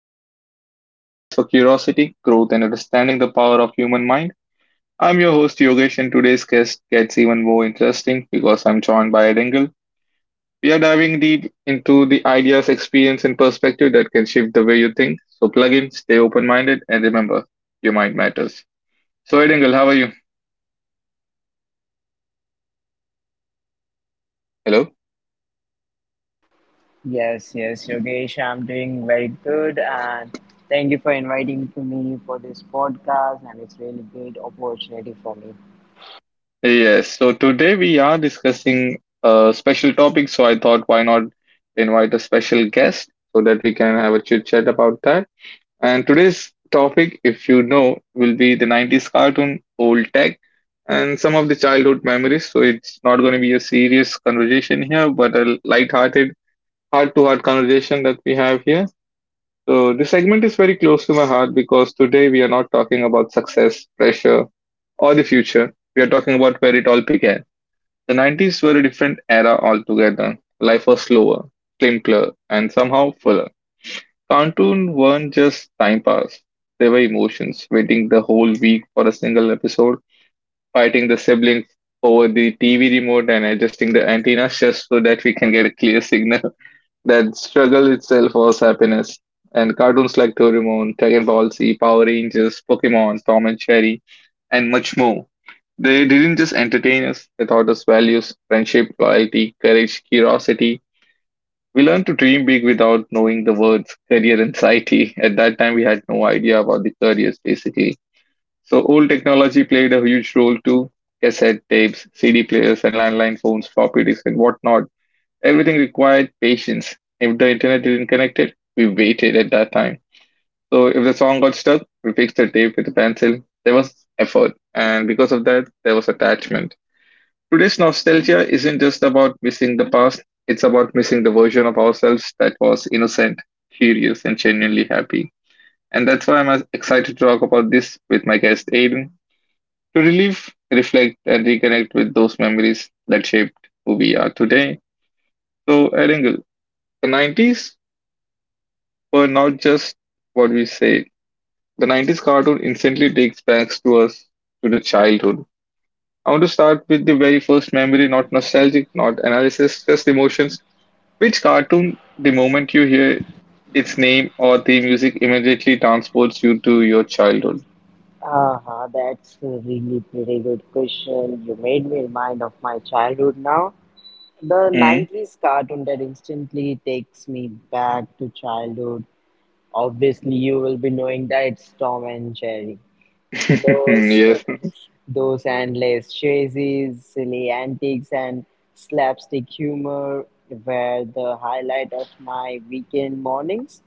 conversation. This is a space for curiosity, growth, and understanding the power of human mind. I'm your host Yogesh, and today's guest gets even more interesting because I'm joined by Ed Engel. We are diving deep into the ideas, experience, and perspective that can shift the way you think. So plug in, stay open-minded, and remember, your mind matters. So Ed Engel, how are you? Hello. Yes, Yogesh, I'm doing very good, and thank you for inviting to me for this podcast, and it's really great opportunity for me. Yes, so today we are discussing a special topic. So I thought, why not invite a special guest so that we can have a chit chat about that. And today's topic, if you know, will be the 90s cartoon, old tech, and some of the childhood memories. So it's not going to be a serious conversation here, but a light-hearted, heart-to-heart conversation that we have here. So this segment is very close to my heart because today we are not talking about success, pressure, or the future. We are talking about fairy tale pick the 90s were a different era altogether. Life was slower, simpler, and somehow fuller. Cartoons weren't just time pass, they were emotions, waiting the whole week for a single episode, fighting the siblings over the TV remote, and adjusting the antennas just so that we can get a clear signal. That struggle itself was happiness. And cartoons like Doraemon, Dragon Ball Z, Power Rangers, Pokemon, Tom and Jerry, and much more. They didn't just entertain us, they taught us values, friendship, loyalty, courage, curiosity. We learned to dream big without knowing the words career anxiety. At that time, we had no idea about the careers basically. So, old technology played a huge role too cassette tapes, CD players, and landline phones, floppy disks, and whatnot. Everything required patience. If the internet didn't connect it, we waited at that time. So if the song got stuck, we fixed the tape with a pencil. There was effort, and because of that, there was attachment. Today's nostalgia isn't just about missing the past, it's about missing the version of ourselves that was innocent, curious, and genuinely happy. And that's why I'm excited to talk about this with my guest Aiden to relieve, reflect, and reconnect with those memories that shaped who we are today. So, Aiden, the 90s were not just what we say. The 90s cartoon instantly takes back to us to the childhood. I want to start with the very first memory, not nostalgic, not analysis, just emotions. Which cartoon, the moment you hear its name or the music, immediately transports you to your childhood? That's a really pretty good question. You made me remind of my childhood now. The Hmm. 90s cartoon that instantly takes me back to childhood. Obviously, you will be knowing that it's Tom and Jerry. Those Yes. those endless chases, silly antics, and slapstick humor were the highlight of my weekend mornings.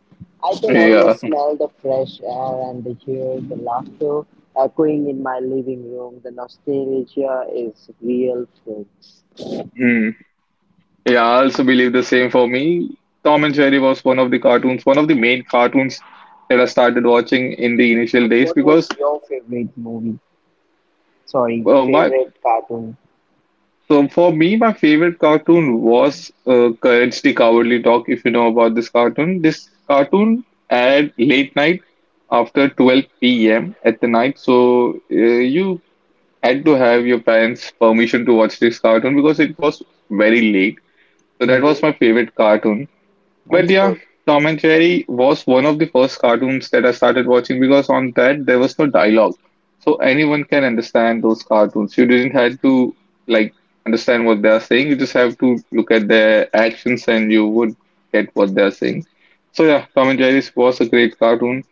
I can Yeah. almost smell the fresh air and hear the laughter echoing in my living room. The nostalgia is real, folks. Hmm. Yeah, I also believe the same for me. Tom and Jerry was one of the cartoons, one of the main cartoons that I started watching in the initial But days what because was your favorite movie? Sorry, my favorite cartoon? so for me, my favorite cartoon was Courage the Cowardly Dog. If you know about this cartoon aired late night after 12 p.m. at the night. So you had to have your parents' permission to watch this cartoon because it was very late. So that Mm-hmm. was my favorite cartoon. But That's yeah, good. Tom and Jerry was one of the first cartoons that I started watching because on that there was no dialogue. So anyone can understand those cartoons. You didn't have to like understand what they are saying. You just have to look at their actions and you would get what they are saying. So yeah, Tom and Jerry was a great cartoon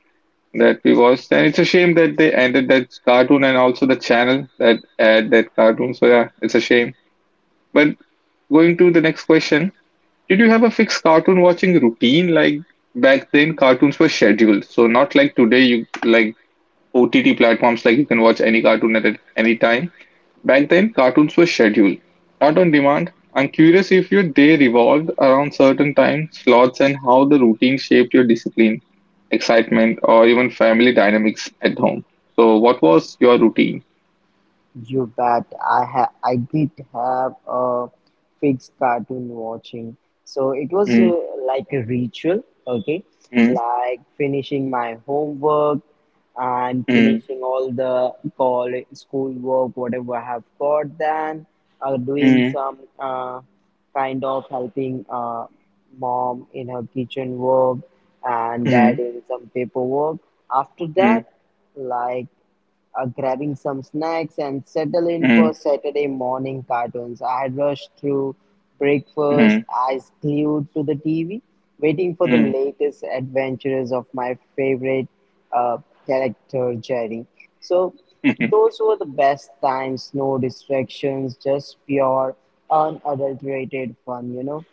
that we watched and it's a shame that they ended that cartoon and also the channel that aired that cartoon. So yeah, it's a shame. But going to the next question, did you have a fixed cartoon watching routine? Like back then, cartoons were scheduled. So not like today, you like OTT platforms, like you can watch any cartoon at any time. Back then, cartoons were scheduled, not on demand. I'm curious if your day revolved around certain time slots and how the routine shaped your discipline, excitement, or even family dynamics at home. So what was your routine? You bet. I did have a fixed cartoon watching, so it was Mm, like a ritual. Okay, mm, like finishing my homework and mm, finishing all the call schoolwork, whatever I have got. Then doing mm, some kind of helping mom in her kitchen work and dad mm, in some paperwork. After mm, that, like grabbing some snacks and settle in for mm, Saturday morning cartoons. I had rushed through breakfast, mm, eyes glued to the TV, waiting for the mm, latest adventures of my favorite uh, character, Jerry. So, mm. those were the best times, no distractions, just pure, unadulterated fun, you know.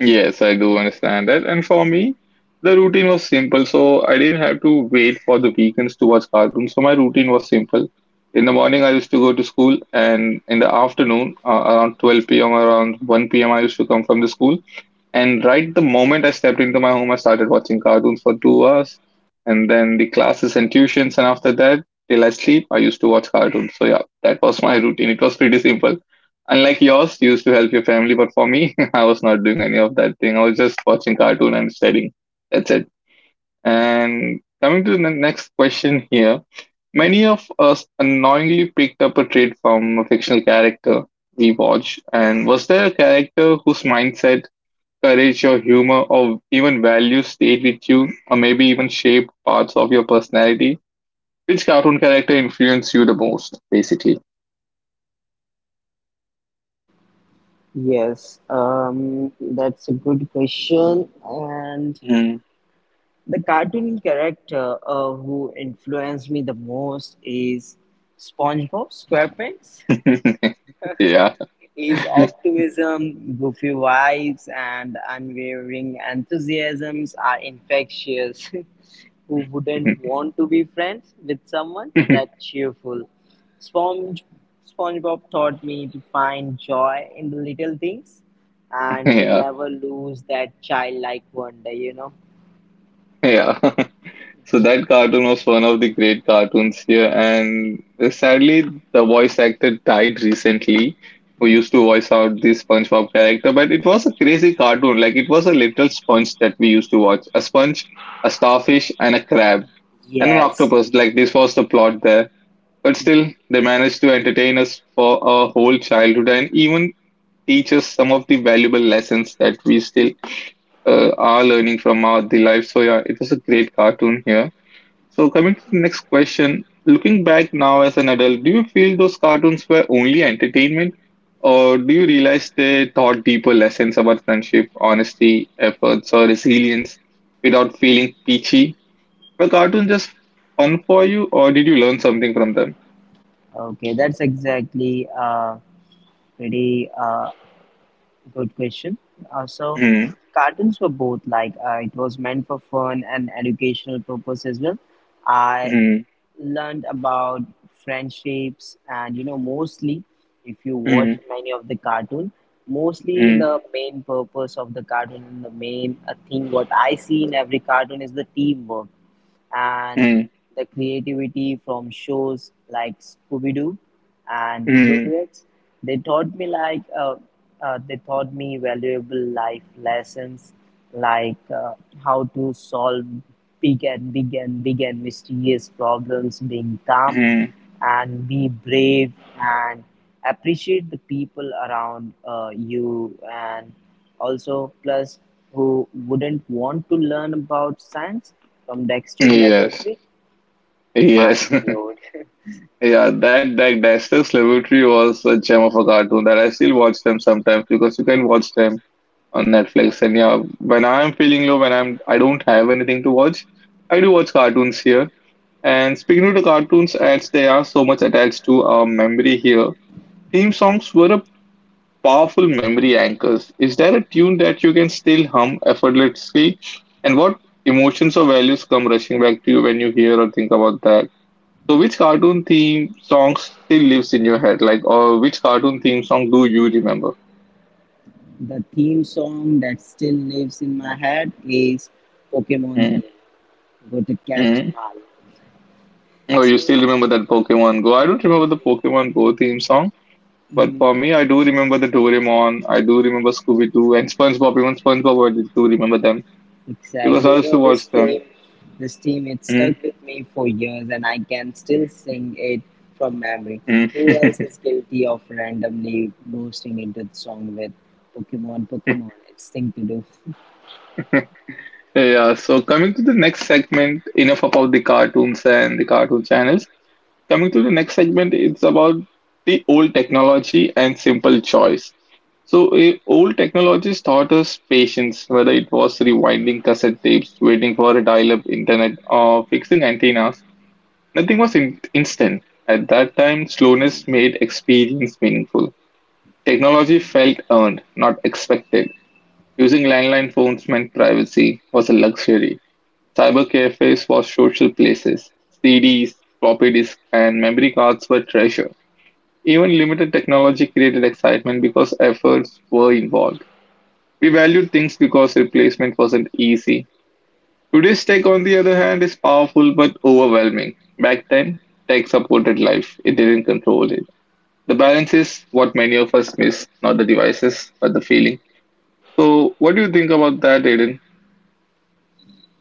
Yes, I do understand that. And for me, the routine was simple, so I didn't have to wait for the weekends to watch cartoons. So my routine was simple. In the morning, I used to go to school, and in the afternoon, around 12 p.m. around 1 p.m., I used to come from the school. And right the moment I stepped into my home, I started watching cartoons for 2 hours. And then the classes and tuitions. And after that, till I sleep, I used to watch cartoons. So, yeah, that was my routine. It was pretty simple. Unlike yours, you used to help your family. But for me, I was not doing any of that thing. I was just watching cartoon and studying. That's it. And coming to the next question here. Many of us unknowingly picked up a trait from a fictional character we watch. And was there a character whose mindset courage, your humor, or even values stayed with you, or maybe even shaped parts of your personality? Which cartoon character influenced you the most, basically? Yes, that's a good question, and Hmm. the cartoon character who influenced me the most is SpongeBob SquarePants. Yeah. His optimism, goofy vibes, and unwavering enthusiasms are infectious. Who wouldn't want to be friends with someone that cheerful? Sponge, SpongeBob taught me to find joy in the little things and to Yeah. never lose that childlike wonder, you know? Yeah. So that cartoon was one of the great cartoons here, and sadly, the voice actor died recently, who used to voice out the SpongeBob character. But it was a crazy cartoon. Like it was a little sponge that we used to watch: a sponge, a starfish, and a crab, and an Yes. octopus. Like this was the plot there. But still, they managed to entertain us for our whole childhood and even teach us some of the valuable lessons that we still are learning from our the life. So yeah, it was a great cartoon here. So, coming to the next question, looking back now as an adult, do you feel those cartoons were only entertainment, or do you realize they taught deeper lessons about friendship, honesty, efforts, or resilience without feeling peachy? Were cartoons just fun for you, or did you learn something from them? Okay, that's exactly a pretty good question. Uh, so, Hmm. cartoons were both like it was meant for fun and educational purpose as well. I Hmm. learned about friendships, and you know, mostly if you watch Hmm. many of the cartoon, mostly Hmm. the main purpose of the cartoon, the main thing what I see in every cartoon is the teamwork and Hmm. the creativity from shows like Scooby Doo and Hmm. Rugrats. They taught me like they taught me valuable life lessons like how to solve big and mysterious problems, being calm Hmm. and be brave and appreciate the people around you, and also plus who wouldn't want to learn about science from Dexter Yes. Laboratory? Mind Yes. blowed. Yeah, that Dexter's Laboratory was a gem of a cartoon that I still watch them sometimes because you can watch them on Netflix. And Exactly. yeah, when I'm feeling low, when I'm I don't have anything to watch, I do watch cartoons here. And speaking of the cartoons, as they are so much attached to our memory here, theme songs were a powerful memory anchors. Is there a tune that you can still hum effortlessly? And what emotions or values come rushing back to you when you hear or think about that? So, which cartoon theme song still lives in your head? Like, or which cartoon theme song do you remember? The theme song that still lives in my head is Pokemon Mm, theme. Go to catch mm. 'em all. Oh, you So still remember that Pokemon Go? I don't remember the Pokemon Go theme song, but mm, for me, I do remember the Doraemon. I do remember Scooby Doo and SpongeBob. Even SpongeBob, I do remember them because exactly, I you used know to this watch them. theme, it stuck with me for years, and I can still sing it from memory. Who else Mm-hmm. is guilty of randomly bursting into the song with Pokemon? Pokemon, it's thing to do. Yeah. So coming to the next segment, enough about the cartoons and the cartoon channels. Coming to the next segment, it's about the old technology and simple choice. So, old technologies taught us patience, whether it was rewinding cassette tapes, waiting for a dial up internet, or fixing antennas. Nothing was instant. At that time, slowness made experience meaningful. Technology felt earned, not expected. Using landline phones meant privacy was a luxury. Cyber cafes were social places. CDs, floppy disks, and memory cards were treasure. Even limited technology created excitement because efforts were involved. We valued things because replacement wasn't easy. Today's tech, on the other hand, is powerful but overwhelming. Back then, tech supported life, it didn't control it. The balance is what many of us miss, not the devices, but the feeling. So, what do you think about that, Aiden?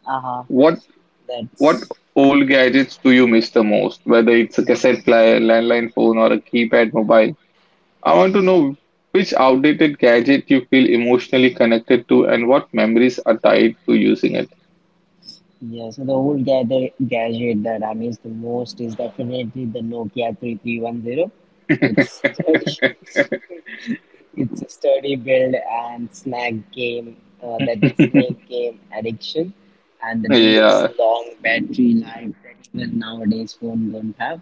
Aha, What what that's old gadgets do you miss the most? Whether it's a cassette player, landline phone, or a keypad mobile, I want to know which outdated gadget you feel emotionally connected to and what memories are tied to using it. Yeah, so the gadget that I miss the most is definitely the Nokia 3310. It's sturdy, it's a sturdy build and snag game, that snake game addiction, and the days Yeah, long battery life that even nowadays phone don't have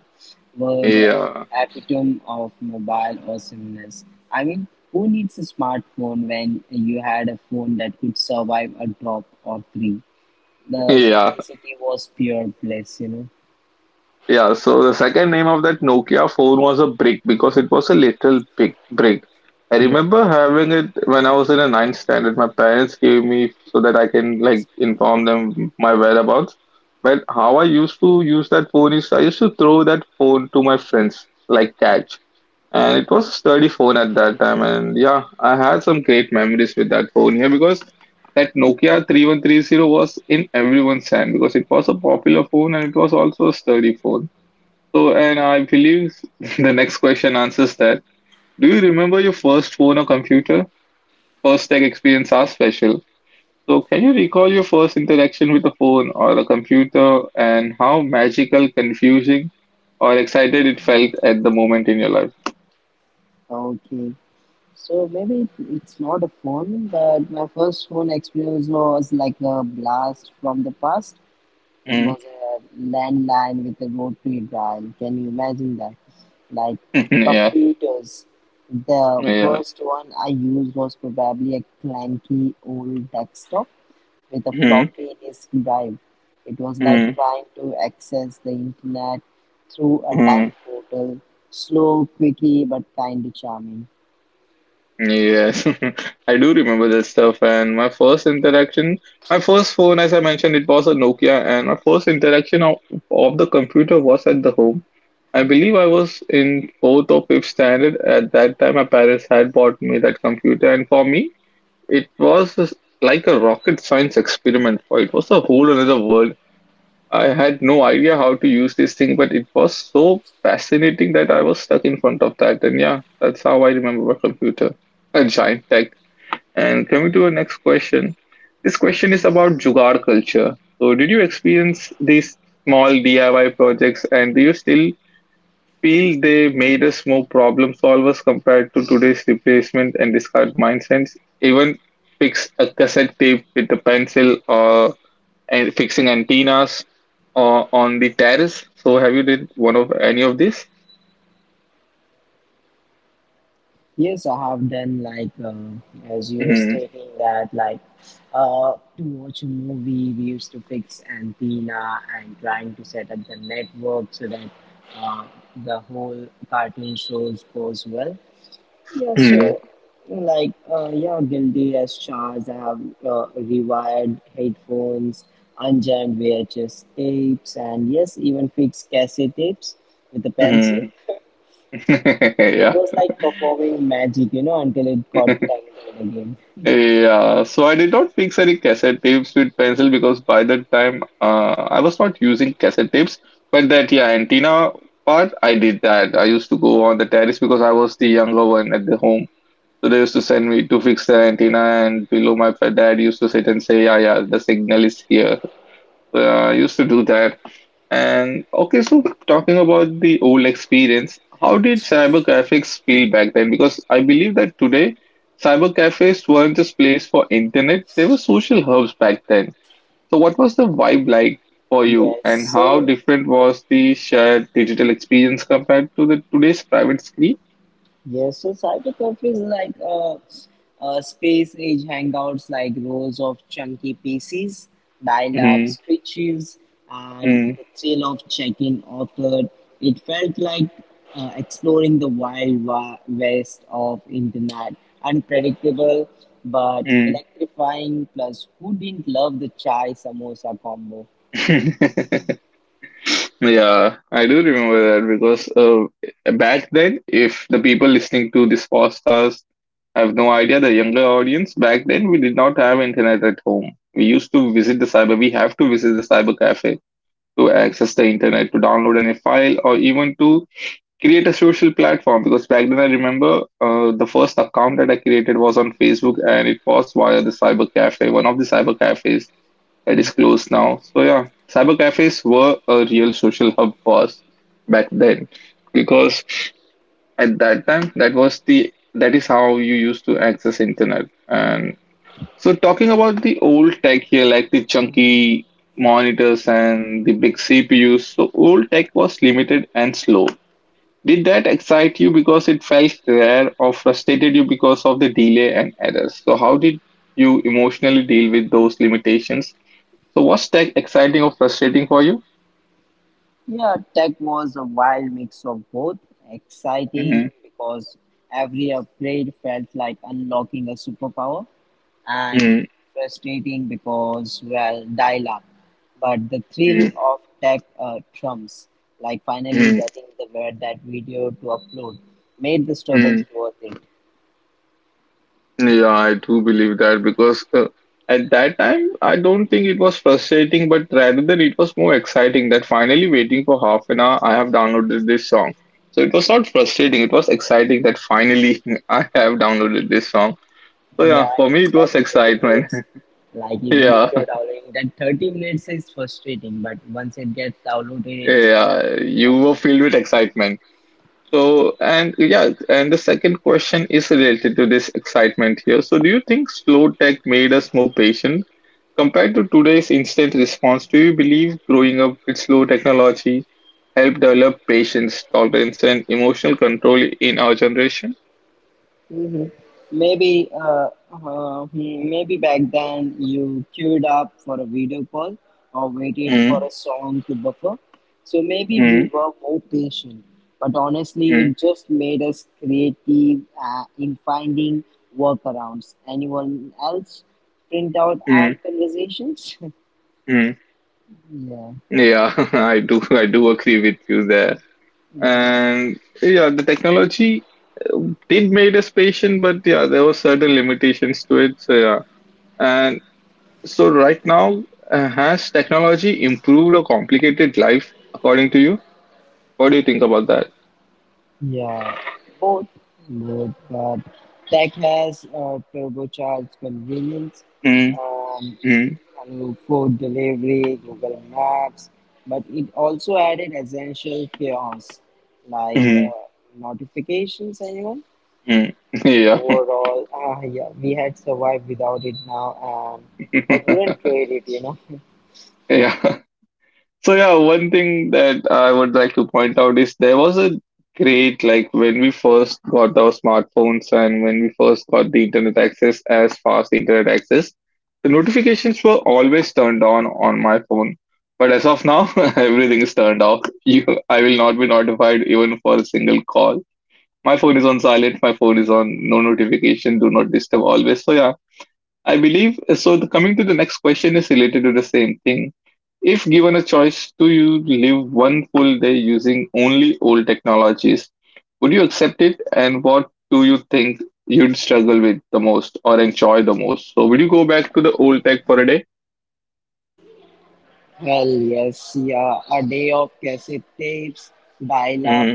were the yeah, epitome of mobile awesomeness. I mean, who needs a smartphone when you had a phone that could survive a drop or three? The yeah, simplicity was pure bliss, you know. yeah. So the second name of that Nokia phone was a brick because it was a literal big brick. I Yeah. remember having it when I was in a ninth standard. My parents gave me so that I can like inform them my whereabouts. But how I used to use that phone is I used to throw that phone to my friends like catch. And it was sturdy phone at that time, and yeah, I had some great memories with that phone here because that Nokia 3130 was in everyone's hand because it was a popular phone and it was also a sturdy phone. So and I believe the next question answers that. Do you remember your first phone or computer? First tech experience are special. So can you recall your first interaction with a phone or a computer and how magical, confusing or excited it felt at the moment in your life? Okay. So maybe it's not a phone, but my first phone experience was like a blast from the past. It Mm. was a landline with a rotary dial. Can you imagine that? Like yeah computers. The Yeah. first one I used was probably a clanky old desktop with a hmm floppy disk drive. It was like hmm trying to access the internet through a time hmm portal. Slow, quirky, but kind of charming. Yes, I do remember that stuff. And my first interaction, my first phone, as I mentioned, it was a Nokia. And my first interaction of the computer was at the home. I believe I was in fourth or fifth standard. At that time, my parents had bought me that computer. And for me, it was like a rocket science experiment, right? It was a whole another world. I had no idea how to use this thing, but it was so fascinating that I was stuck in front of that. And yeah, that's how I remember a computer, a giant tech. And coming to our next question, this question is about jugaad culture. So, did you experience these small DIY projects, and do you still feel they made us more problem solvers compared to today's replacement and discard mindsets? Even fix a cassette tape with a pencil or and fixing antennas on the terrace. So have you did one of any of this? Yes, I have done like as you were stating that like to watch a movie we used to fix antenna and trying to set up the network so that uh, the whole cartoon shows goes well. Yeah, Mm-hmm. so like yeah, guilty as charged. I have rewired headphones, unjammed VHS tapes, and yes, even fixed cassette tapes with a pencil. Mm-hmm. It Yeah. was like performing magic, you know, until it got tangled again. Yeah. So I did not fix any cassette tapes with pencil because by that time I was not using cassette tapes. But that yeah, antenna part I did that. I used to go on the terrace because I was the younger one at the home. So they used to send me to fix the antenna, and below my dad used to sit and say, "Yeah, yeah, the signal is here." So, I used to do that. And okay, so talking about the old experience, how did cyber cafes feel back then? Because I believe that today cyber cafes weren't just place for internet, they were social hubs back then. So what was the vibe like for you Yes, and how so different was the shared digital experience compared to the today's private screen? Yes, so Cyberpuff is like a space age hangouts, like rows of chunky PCs, dial up Mm-hmm. screeches, and the thrill of checking authored. It felt like exploring the west of internet, unpredictable but electrifying. Plus, who didn't love the chai samosa combo? Mm-hmm. Yeah, I do remember that because back then, if the people listening to this podcast have no idea, the younger audience, back then we did not have internet at home. We used to visit the cyber, we have to visit the cyber cafe to access the internet, to download any file, or even to create a social platform. Because back then, I remember the first account that I created was on Facebook and it was via the cyber cafe, one of the cyber cafes that is closed now. So yeah, cyber cafes were a real social hub for us back then because at that time that was the that is how you used to access internet. And so talking about the old tech here, like the chunky monitors and the big CPUs, so old tech was limited and slow. Did that excite you because it felt rare or frustrated you because of the delay and errors? So how did you emotionally deal with those limitations, so what's tech exciting or frustrating for you? Yeah, tech was a wild mix of both. Mm, Exciting because every upgrade felt like unlocking a superpower, and mm, frustrating because, well, dial up. But the thrill mm, of tech trumps, like finally mm, getting the word that video to upload, made the struggles mm. worth it. Yeah, I do believe that because at that time, I don't think it was frustrating, but rather than it was more exciting that finally waiting for half an hour, I have downloaded this song. So it was not frustrating, it was exciting that finally I have downloaded this song. So Yeah, yeah, for even me, it that was 30 excitement. minutes, like even if Yeah, you're downloading, that 30 minutes is frustrating, but once it gets downloaded, it's. yeah, you Yeah. were filled with excitement. So, and yeah, and the second question is related to this excitement here. So, do you think slow tech made us more patient compared to today's instant response? Do you believe growing up with slow technology helped develop patience, tolerance, and emotional control in our generation? hmm Maybe, maybe back then you queued up for a video call or waited for Mm, a song to buffer. So maybe we mm, were more patient. But honestly, mm, it just made us creative in finding workarounds. Anyone else print out app mm, conversations? mm. Yeah, Yeah, I do. I do agree with you there. And yeah, the technology did made us patient, but yeah, there were certain limitations to it. So yeah. And So right now, has technology improved or complicated life according to you? What do you think about that? yeah, both, But tech has turbocharged convenience. Mm, Um. mm, Food delivery, Google Maps, but it also added essential chaos like mm, notifications. Anyone? mm. Yeah. Overall, yeah, we had survived without it now, um, but wouldn't trade it, you know. Yeah. So yeah, one thing that I would like to point out is there was a great like when we first got our smartphones and when we first got the internet access as fast internet access, the notifications were always turned on my phone. But as of now, everything is turned off. You, I will not be notified even for a single call. My phone is on silent. My phone is on no notification, do not disturb always. So yeah, I believe coming to the next question is related to the same thing. If given a choice to you live one full day using only old technologies, would you accept it? And what do you think you'd struggle with the most or enjoy the most? So, would you go back to the old tech for a day? Hell yes, yeah, a day of cassette tapes, dial up,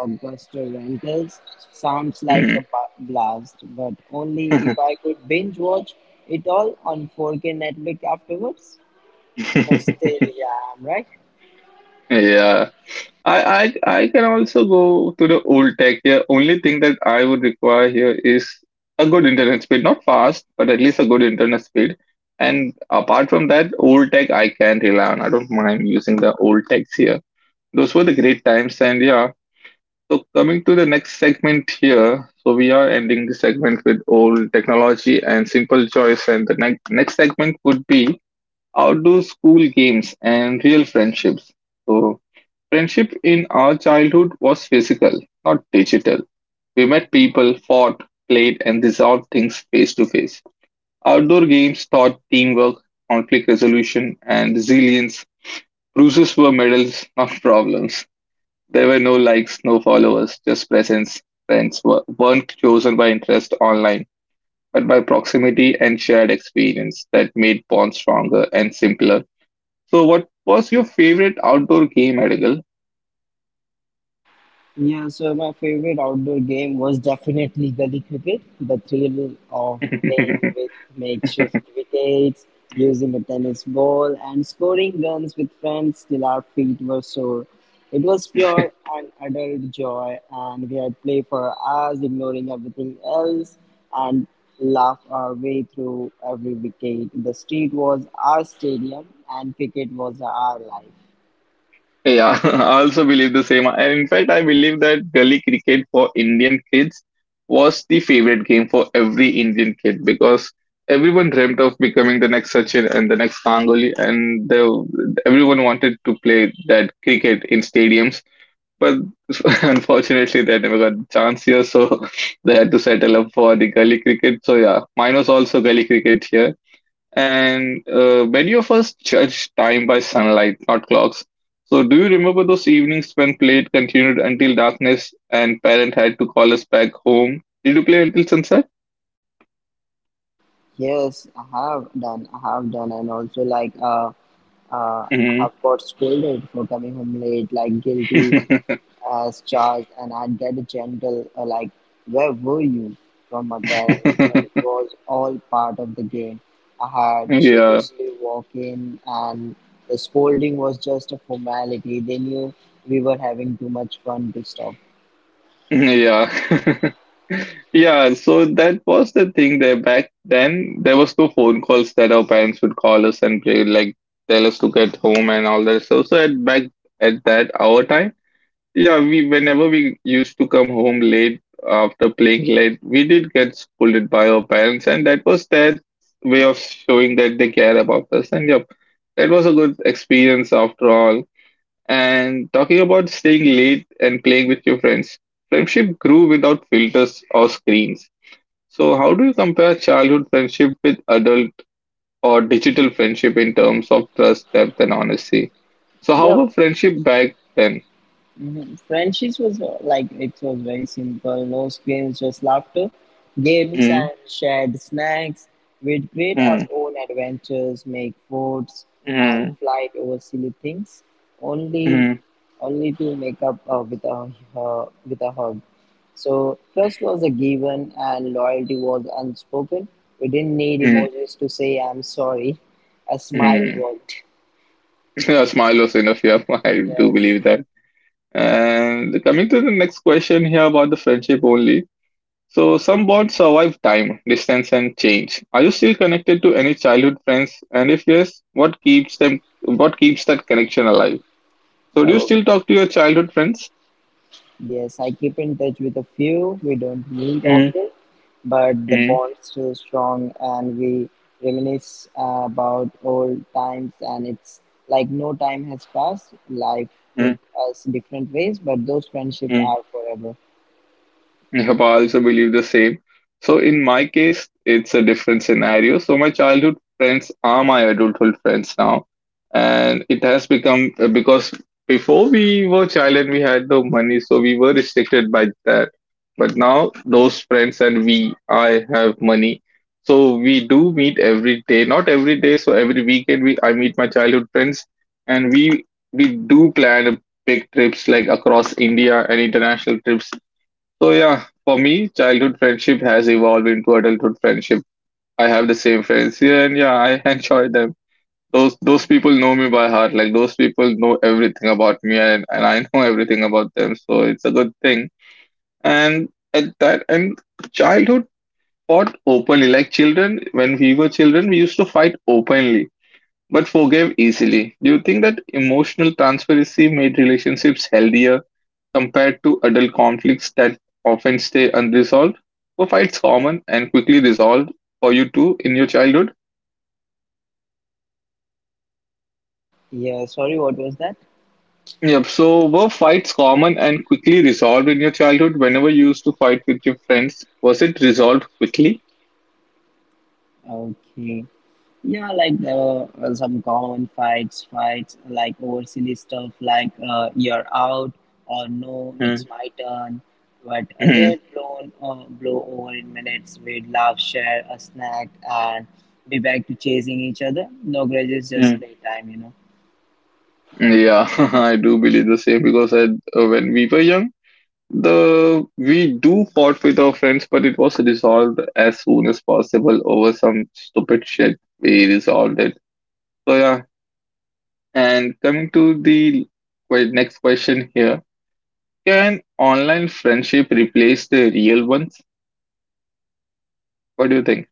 and blockbuster rentals sounds like a Mm-hmm. Blast, but only if I could binge watch it all on 4K Netflix afterwards. Nostalgia, right? Yeah. I can also go to the old tech here. Only thing that I would require here is a good internet speed, not fast, but at least a good internet speed. And apart from that, old tech I can rely on. I don't mind using the old techs here. Those were the great times, and yeah. So coming to the next segment here. So we are ending the segment with old technology and simple choice, and the next segment would be outdoor school games and real friendships. So friendship in our childhood was physical, not digital. We met people, fought, played, and resolved things face to face. Outdoor games taught teamwork, conflict resolution, and resilience. Bruises were medals, not problems. There were no likes, no followers, just presence. Friends were, weren't chosen by interest online, but by proximity and shared experience that made bonds stronger and simpler. So, what was your favorite outdoor game, Adigal? Yeah, so my favorite outdoor game was definitely gully cricket. The thrill of playing with makeshift wickets, using a tennis ball, and scoring runs with friends till our feet were sore. It was pure and adult joy, and we had play for hours, ignoring everything else, and laugh our way through every wicket. The street was our stadium, and cricket was our life. Yeah, I also believe the same. And in fact, I believe that gully cricket for Indian kids was the favorite game for every Indian kid because everyone dreamt of becoming the next Sachin and the next Ganguly, and everyone wanted to play that cricket in stadiums. But unfortunately, they never got the chance here, so they had to settle up for the gully cricket. So yeah, mine was also gully cricket here. And many of us judge time by sunlight, not clocks. So, do you remember those evenings when play continued until darkness and parent had to call us back home? Did you play until sunset? I have done, and also like I hmm have got scolded for coming home late, like guilty as charged, and I'd get a gentle like, "Where were you?" from my parents, but it was all part of the game. I had yeah, sheepishly walk in, and the scolding was just a formality. They knew we were having too much fun to stop. yeah. Yeah, so that was the thing there back then. There was no phone calls that our parents would call us and play like tell us to get home and all that. So, so at back at that our time, Yeah, we whenever we used to come home late after playing late, we did get scolded by our parents, and that was their way of showing that they care about us. And yep, that was a good experience after all. And talking about staying late and playing with your friends, friendship grew without filters or screens. So, how do you compare childhood friendship with adult or digital friendship in terms of trust, depth, and honesty? So, how Yeah, were friendship back then? mhm. Friendships was like it was very simple. No screens, just laughter, games Mm-hmm. and shared snacks. We'd create our own adventures, make forts and flight over silly things, only Mm, only to make up with a hug. So trust was a given and loyalty was unspoken. We didn't need mm, emojis to say I'm sorry. A smile mm. worked. That's marvelous enough. Yeah, I do believe that. And coming to the next question here about the friendship only. So, some bonds survive time, distance, and change. Are you still connected to any childhood friends? And if yes, what keeps them? What keeps that connection alive? So, do you Yes. still talk to your childhood friends? Yes, I keep in touch with a few, we don't meet Mm, often, but the mm, bond's still strong and we reminisce about old times and it's like no time has passed. Life took mm, us different ways, but those friendships mm. are forever. Yep, I also believe the same. So in my case, it's a different scenario. So my childhood friends are my adulthood friends now, and it has become because before we were child and we had no money, so we were restricted by that. But now those friends and we, I have money, so we do meet every day. Not every day, so every weekend we I meet my childhood friends, and we do plan big trips like across India and international trips. So yeah, for me, childhood friendship has evolved into adulthood friendship. I have the same friends here, and yeah, I enjoy them. Those people know me by heart. Like those people know everything about me, and I know everything about them. So it's a good thing. And at that and childhood fought openly. Like children, when we were children, we used to fight openly, but forgave easily. Do you think that emotional transparency made relationships healthier, compared to adult conflicts that often stay unresolved? Were fights common and quickly resolved for you too in your childhood? Yeah, sorry, what was that? Yep. So were fights common and quickly resolved in your childhood? Whenever you used to fight with your friends, was it resolved quickly? Okay. Yeah, like there were some fights like over silly stuff like you're out or no, it's Mm. my turn. But Hmm. they're blown blow over in minutes. We'd laugh, share a snack, and be back to chasing each other. No grudges, just Mm. playtime, you know. Yeah, I do believe the same because when we were young, the we do fought with our friends, but it was resolved as soon as possible over some stupid shit. We resolved it. So yeah, and coming to the next question here, can online friendship replace the real ones? What do you think?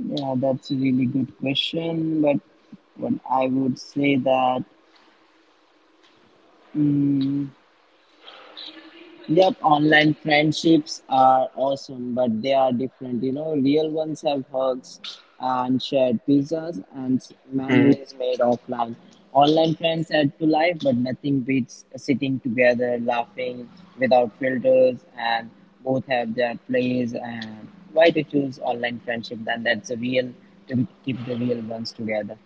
Yeah, that's a really good question. But what I would say that. Mm, Yep, online friendships are awesome, but they are different. You know, real ones have hugs and shared pizzas and Mm. memories made offline. Online friends add to life, but nothing beats sitting together, laughing without filters, and both have their place. And why to choose online friendship? Then that's a real to keep the real ones together.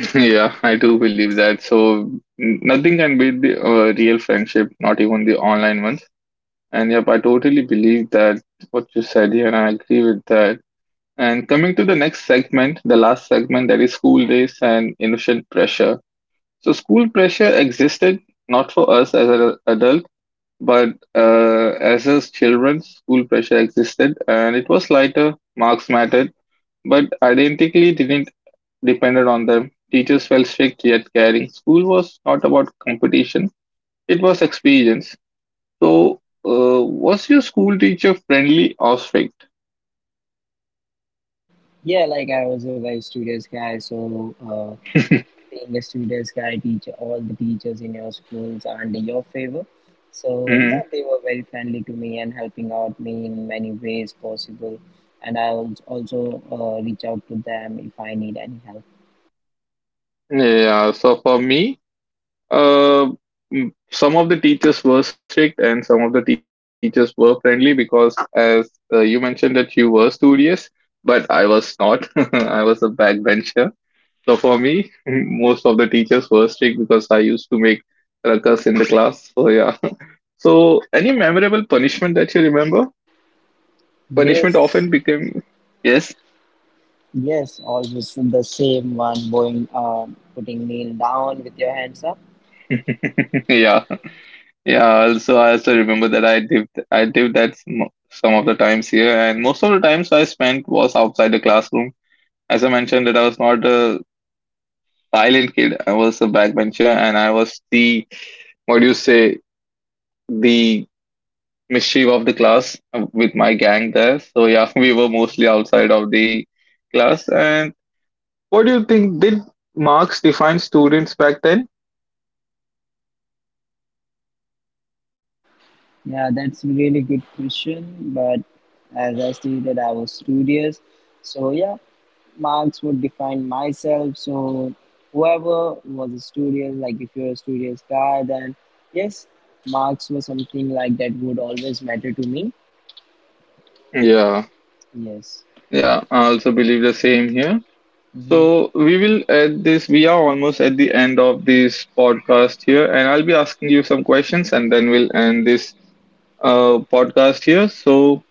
Yeah, I do believe that. So nothing can beat the real friendship, not even the online ones. And yep, I totally believe that what you said here, and I agree with that. And coming to the next segment, the last segment that is school days and innocent pressure. So school pressure existed not for us as an adult, but as children, school pressure existed, and it was lighter. Marks mattered, but identically didn't depended on them. Teachers felt strict yet caring. School was not about competition; it was experience. So, was your school teacher friendly or strict? Yeah, like I was a very studious guy, so being a student's guy teacher, all the teachers in your schools are under your favor. So yeah, Mhm. they were very friendly to me and helping out me in many ways possible. And I will also reach out to them if I need any help. Yeah. So for me, Uh, some of the teachers were strict and some of the teachers were friendly because, as you mentioned, that you were studious, but I was not. I was a backbencher. So for me, most of the teachers were strict because I used to make ruckus in the class. So yeah. So any memorable punishment that you remember? Punishment Yes, often became yes, yes, always the same one, going, putting kneel down with your hands up. yeah. Yeah, also I also remember that I did that some of the times here, and most of the times I spent was outside the classroom. As I mentioned, that I was not a silent kid. I was a backbencher, and I was the what do you say the mischief of the class with my gang there. So yeah, we were mostly outside of the class, and what do you think? Did marks define students back then? Yeah, that's a really good question. But as I stated, I was studious. So yeah, marks would define myself. So whoever was a studious, like if you're a studious guy, then yes, marks were something like that would always matter to me. Yeah, Yes. yeah, I also believe the same here. Hmm. So we will at this, we are almost at the end of this podcast here, and I'll be asking you some questions and then we'll end this podcast here. So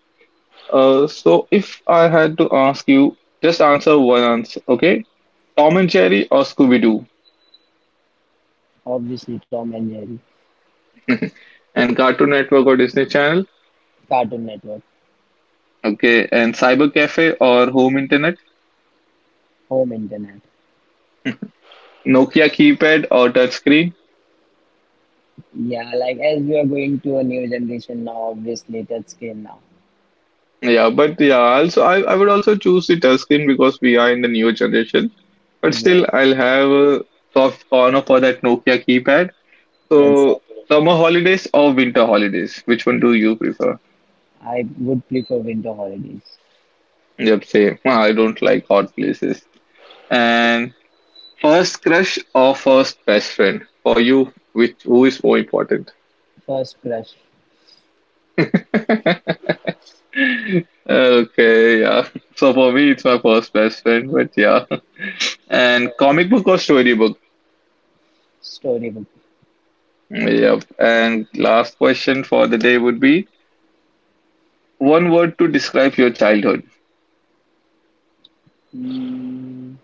So if I had to ask you, just answer one answer, okay? Tom and Jerry or Scooby Doo? Obviously, Tom and Jerry. And Cartoon Network or Disney Channel? Cartoon Network. Okay, and Cyber Cafe or Home Internet? Home internet. Nokia keypad or touchscreen? Yeah, like as we are going to a new generation now, obviously, touch screen now. Yeah, but yeah, also I would also choose the touchscreen because we are in the newer generation. But still, Yes, I'll have a soft corner for that Nokia keypad. So, exactly. summer holidays or winter holidays? Which one do you prefer? I would prefer winter holidays. Yep, same. I don't like hot places. And first crush or first best friend for you, which who is more important? First crush. Okay, yeah. So for me, it's my first best friend, but yeah. And comic book or storybook? Storybook. Yep. And last question for the day would be one word to describe your childhood. Mm,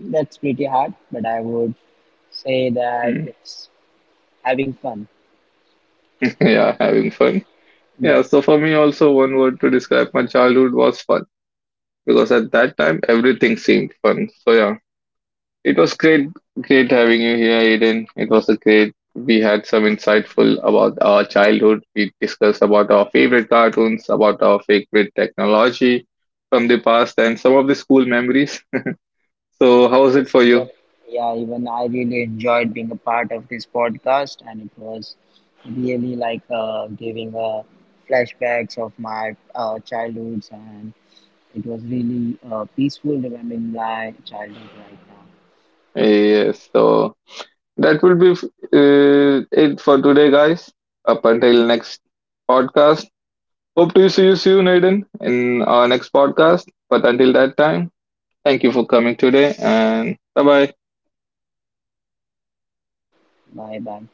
that's pretty hard, but I would say that Mm. it's having fun. Yeah, having fun. Yeah, Yes. so for me also one word to describe my childhood was fun because at that time everything seemed fun. So yeah. It was great, great having you here, Aiden. It was a great. We had some insightful about our childhood. We discussed about our favorite cartoons, about our favorite technology from the past, and some of the school memories. So, how was it Yes, for even you? yeah, even I really enjoyed being a part of this podcast, and it was really like giving flashbacks of my childhoods, and it was really peaceful remembering my childhood right now. Yes. So that will be it for today, guys. Up until next podcast. Hope to see you soon, Aiden, in our next podcast. But until that time, thank you for coming today, and bye bye. Bye bye.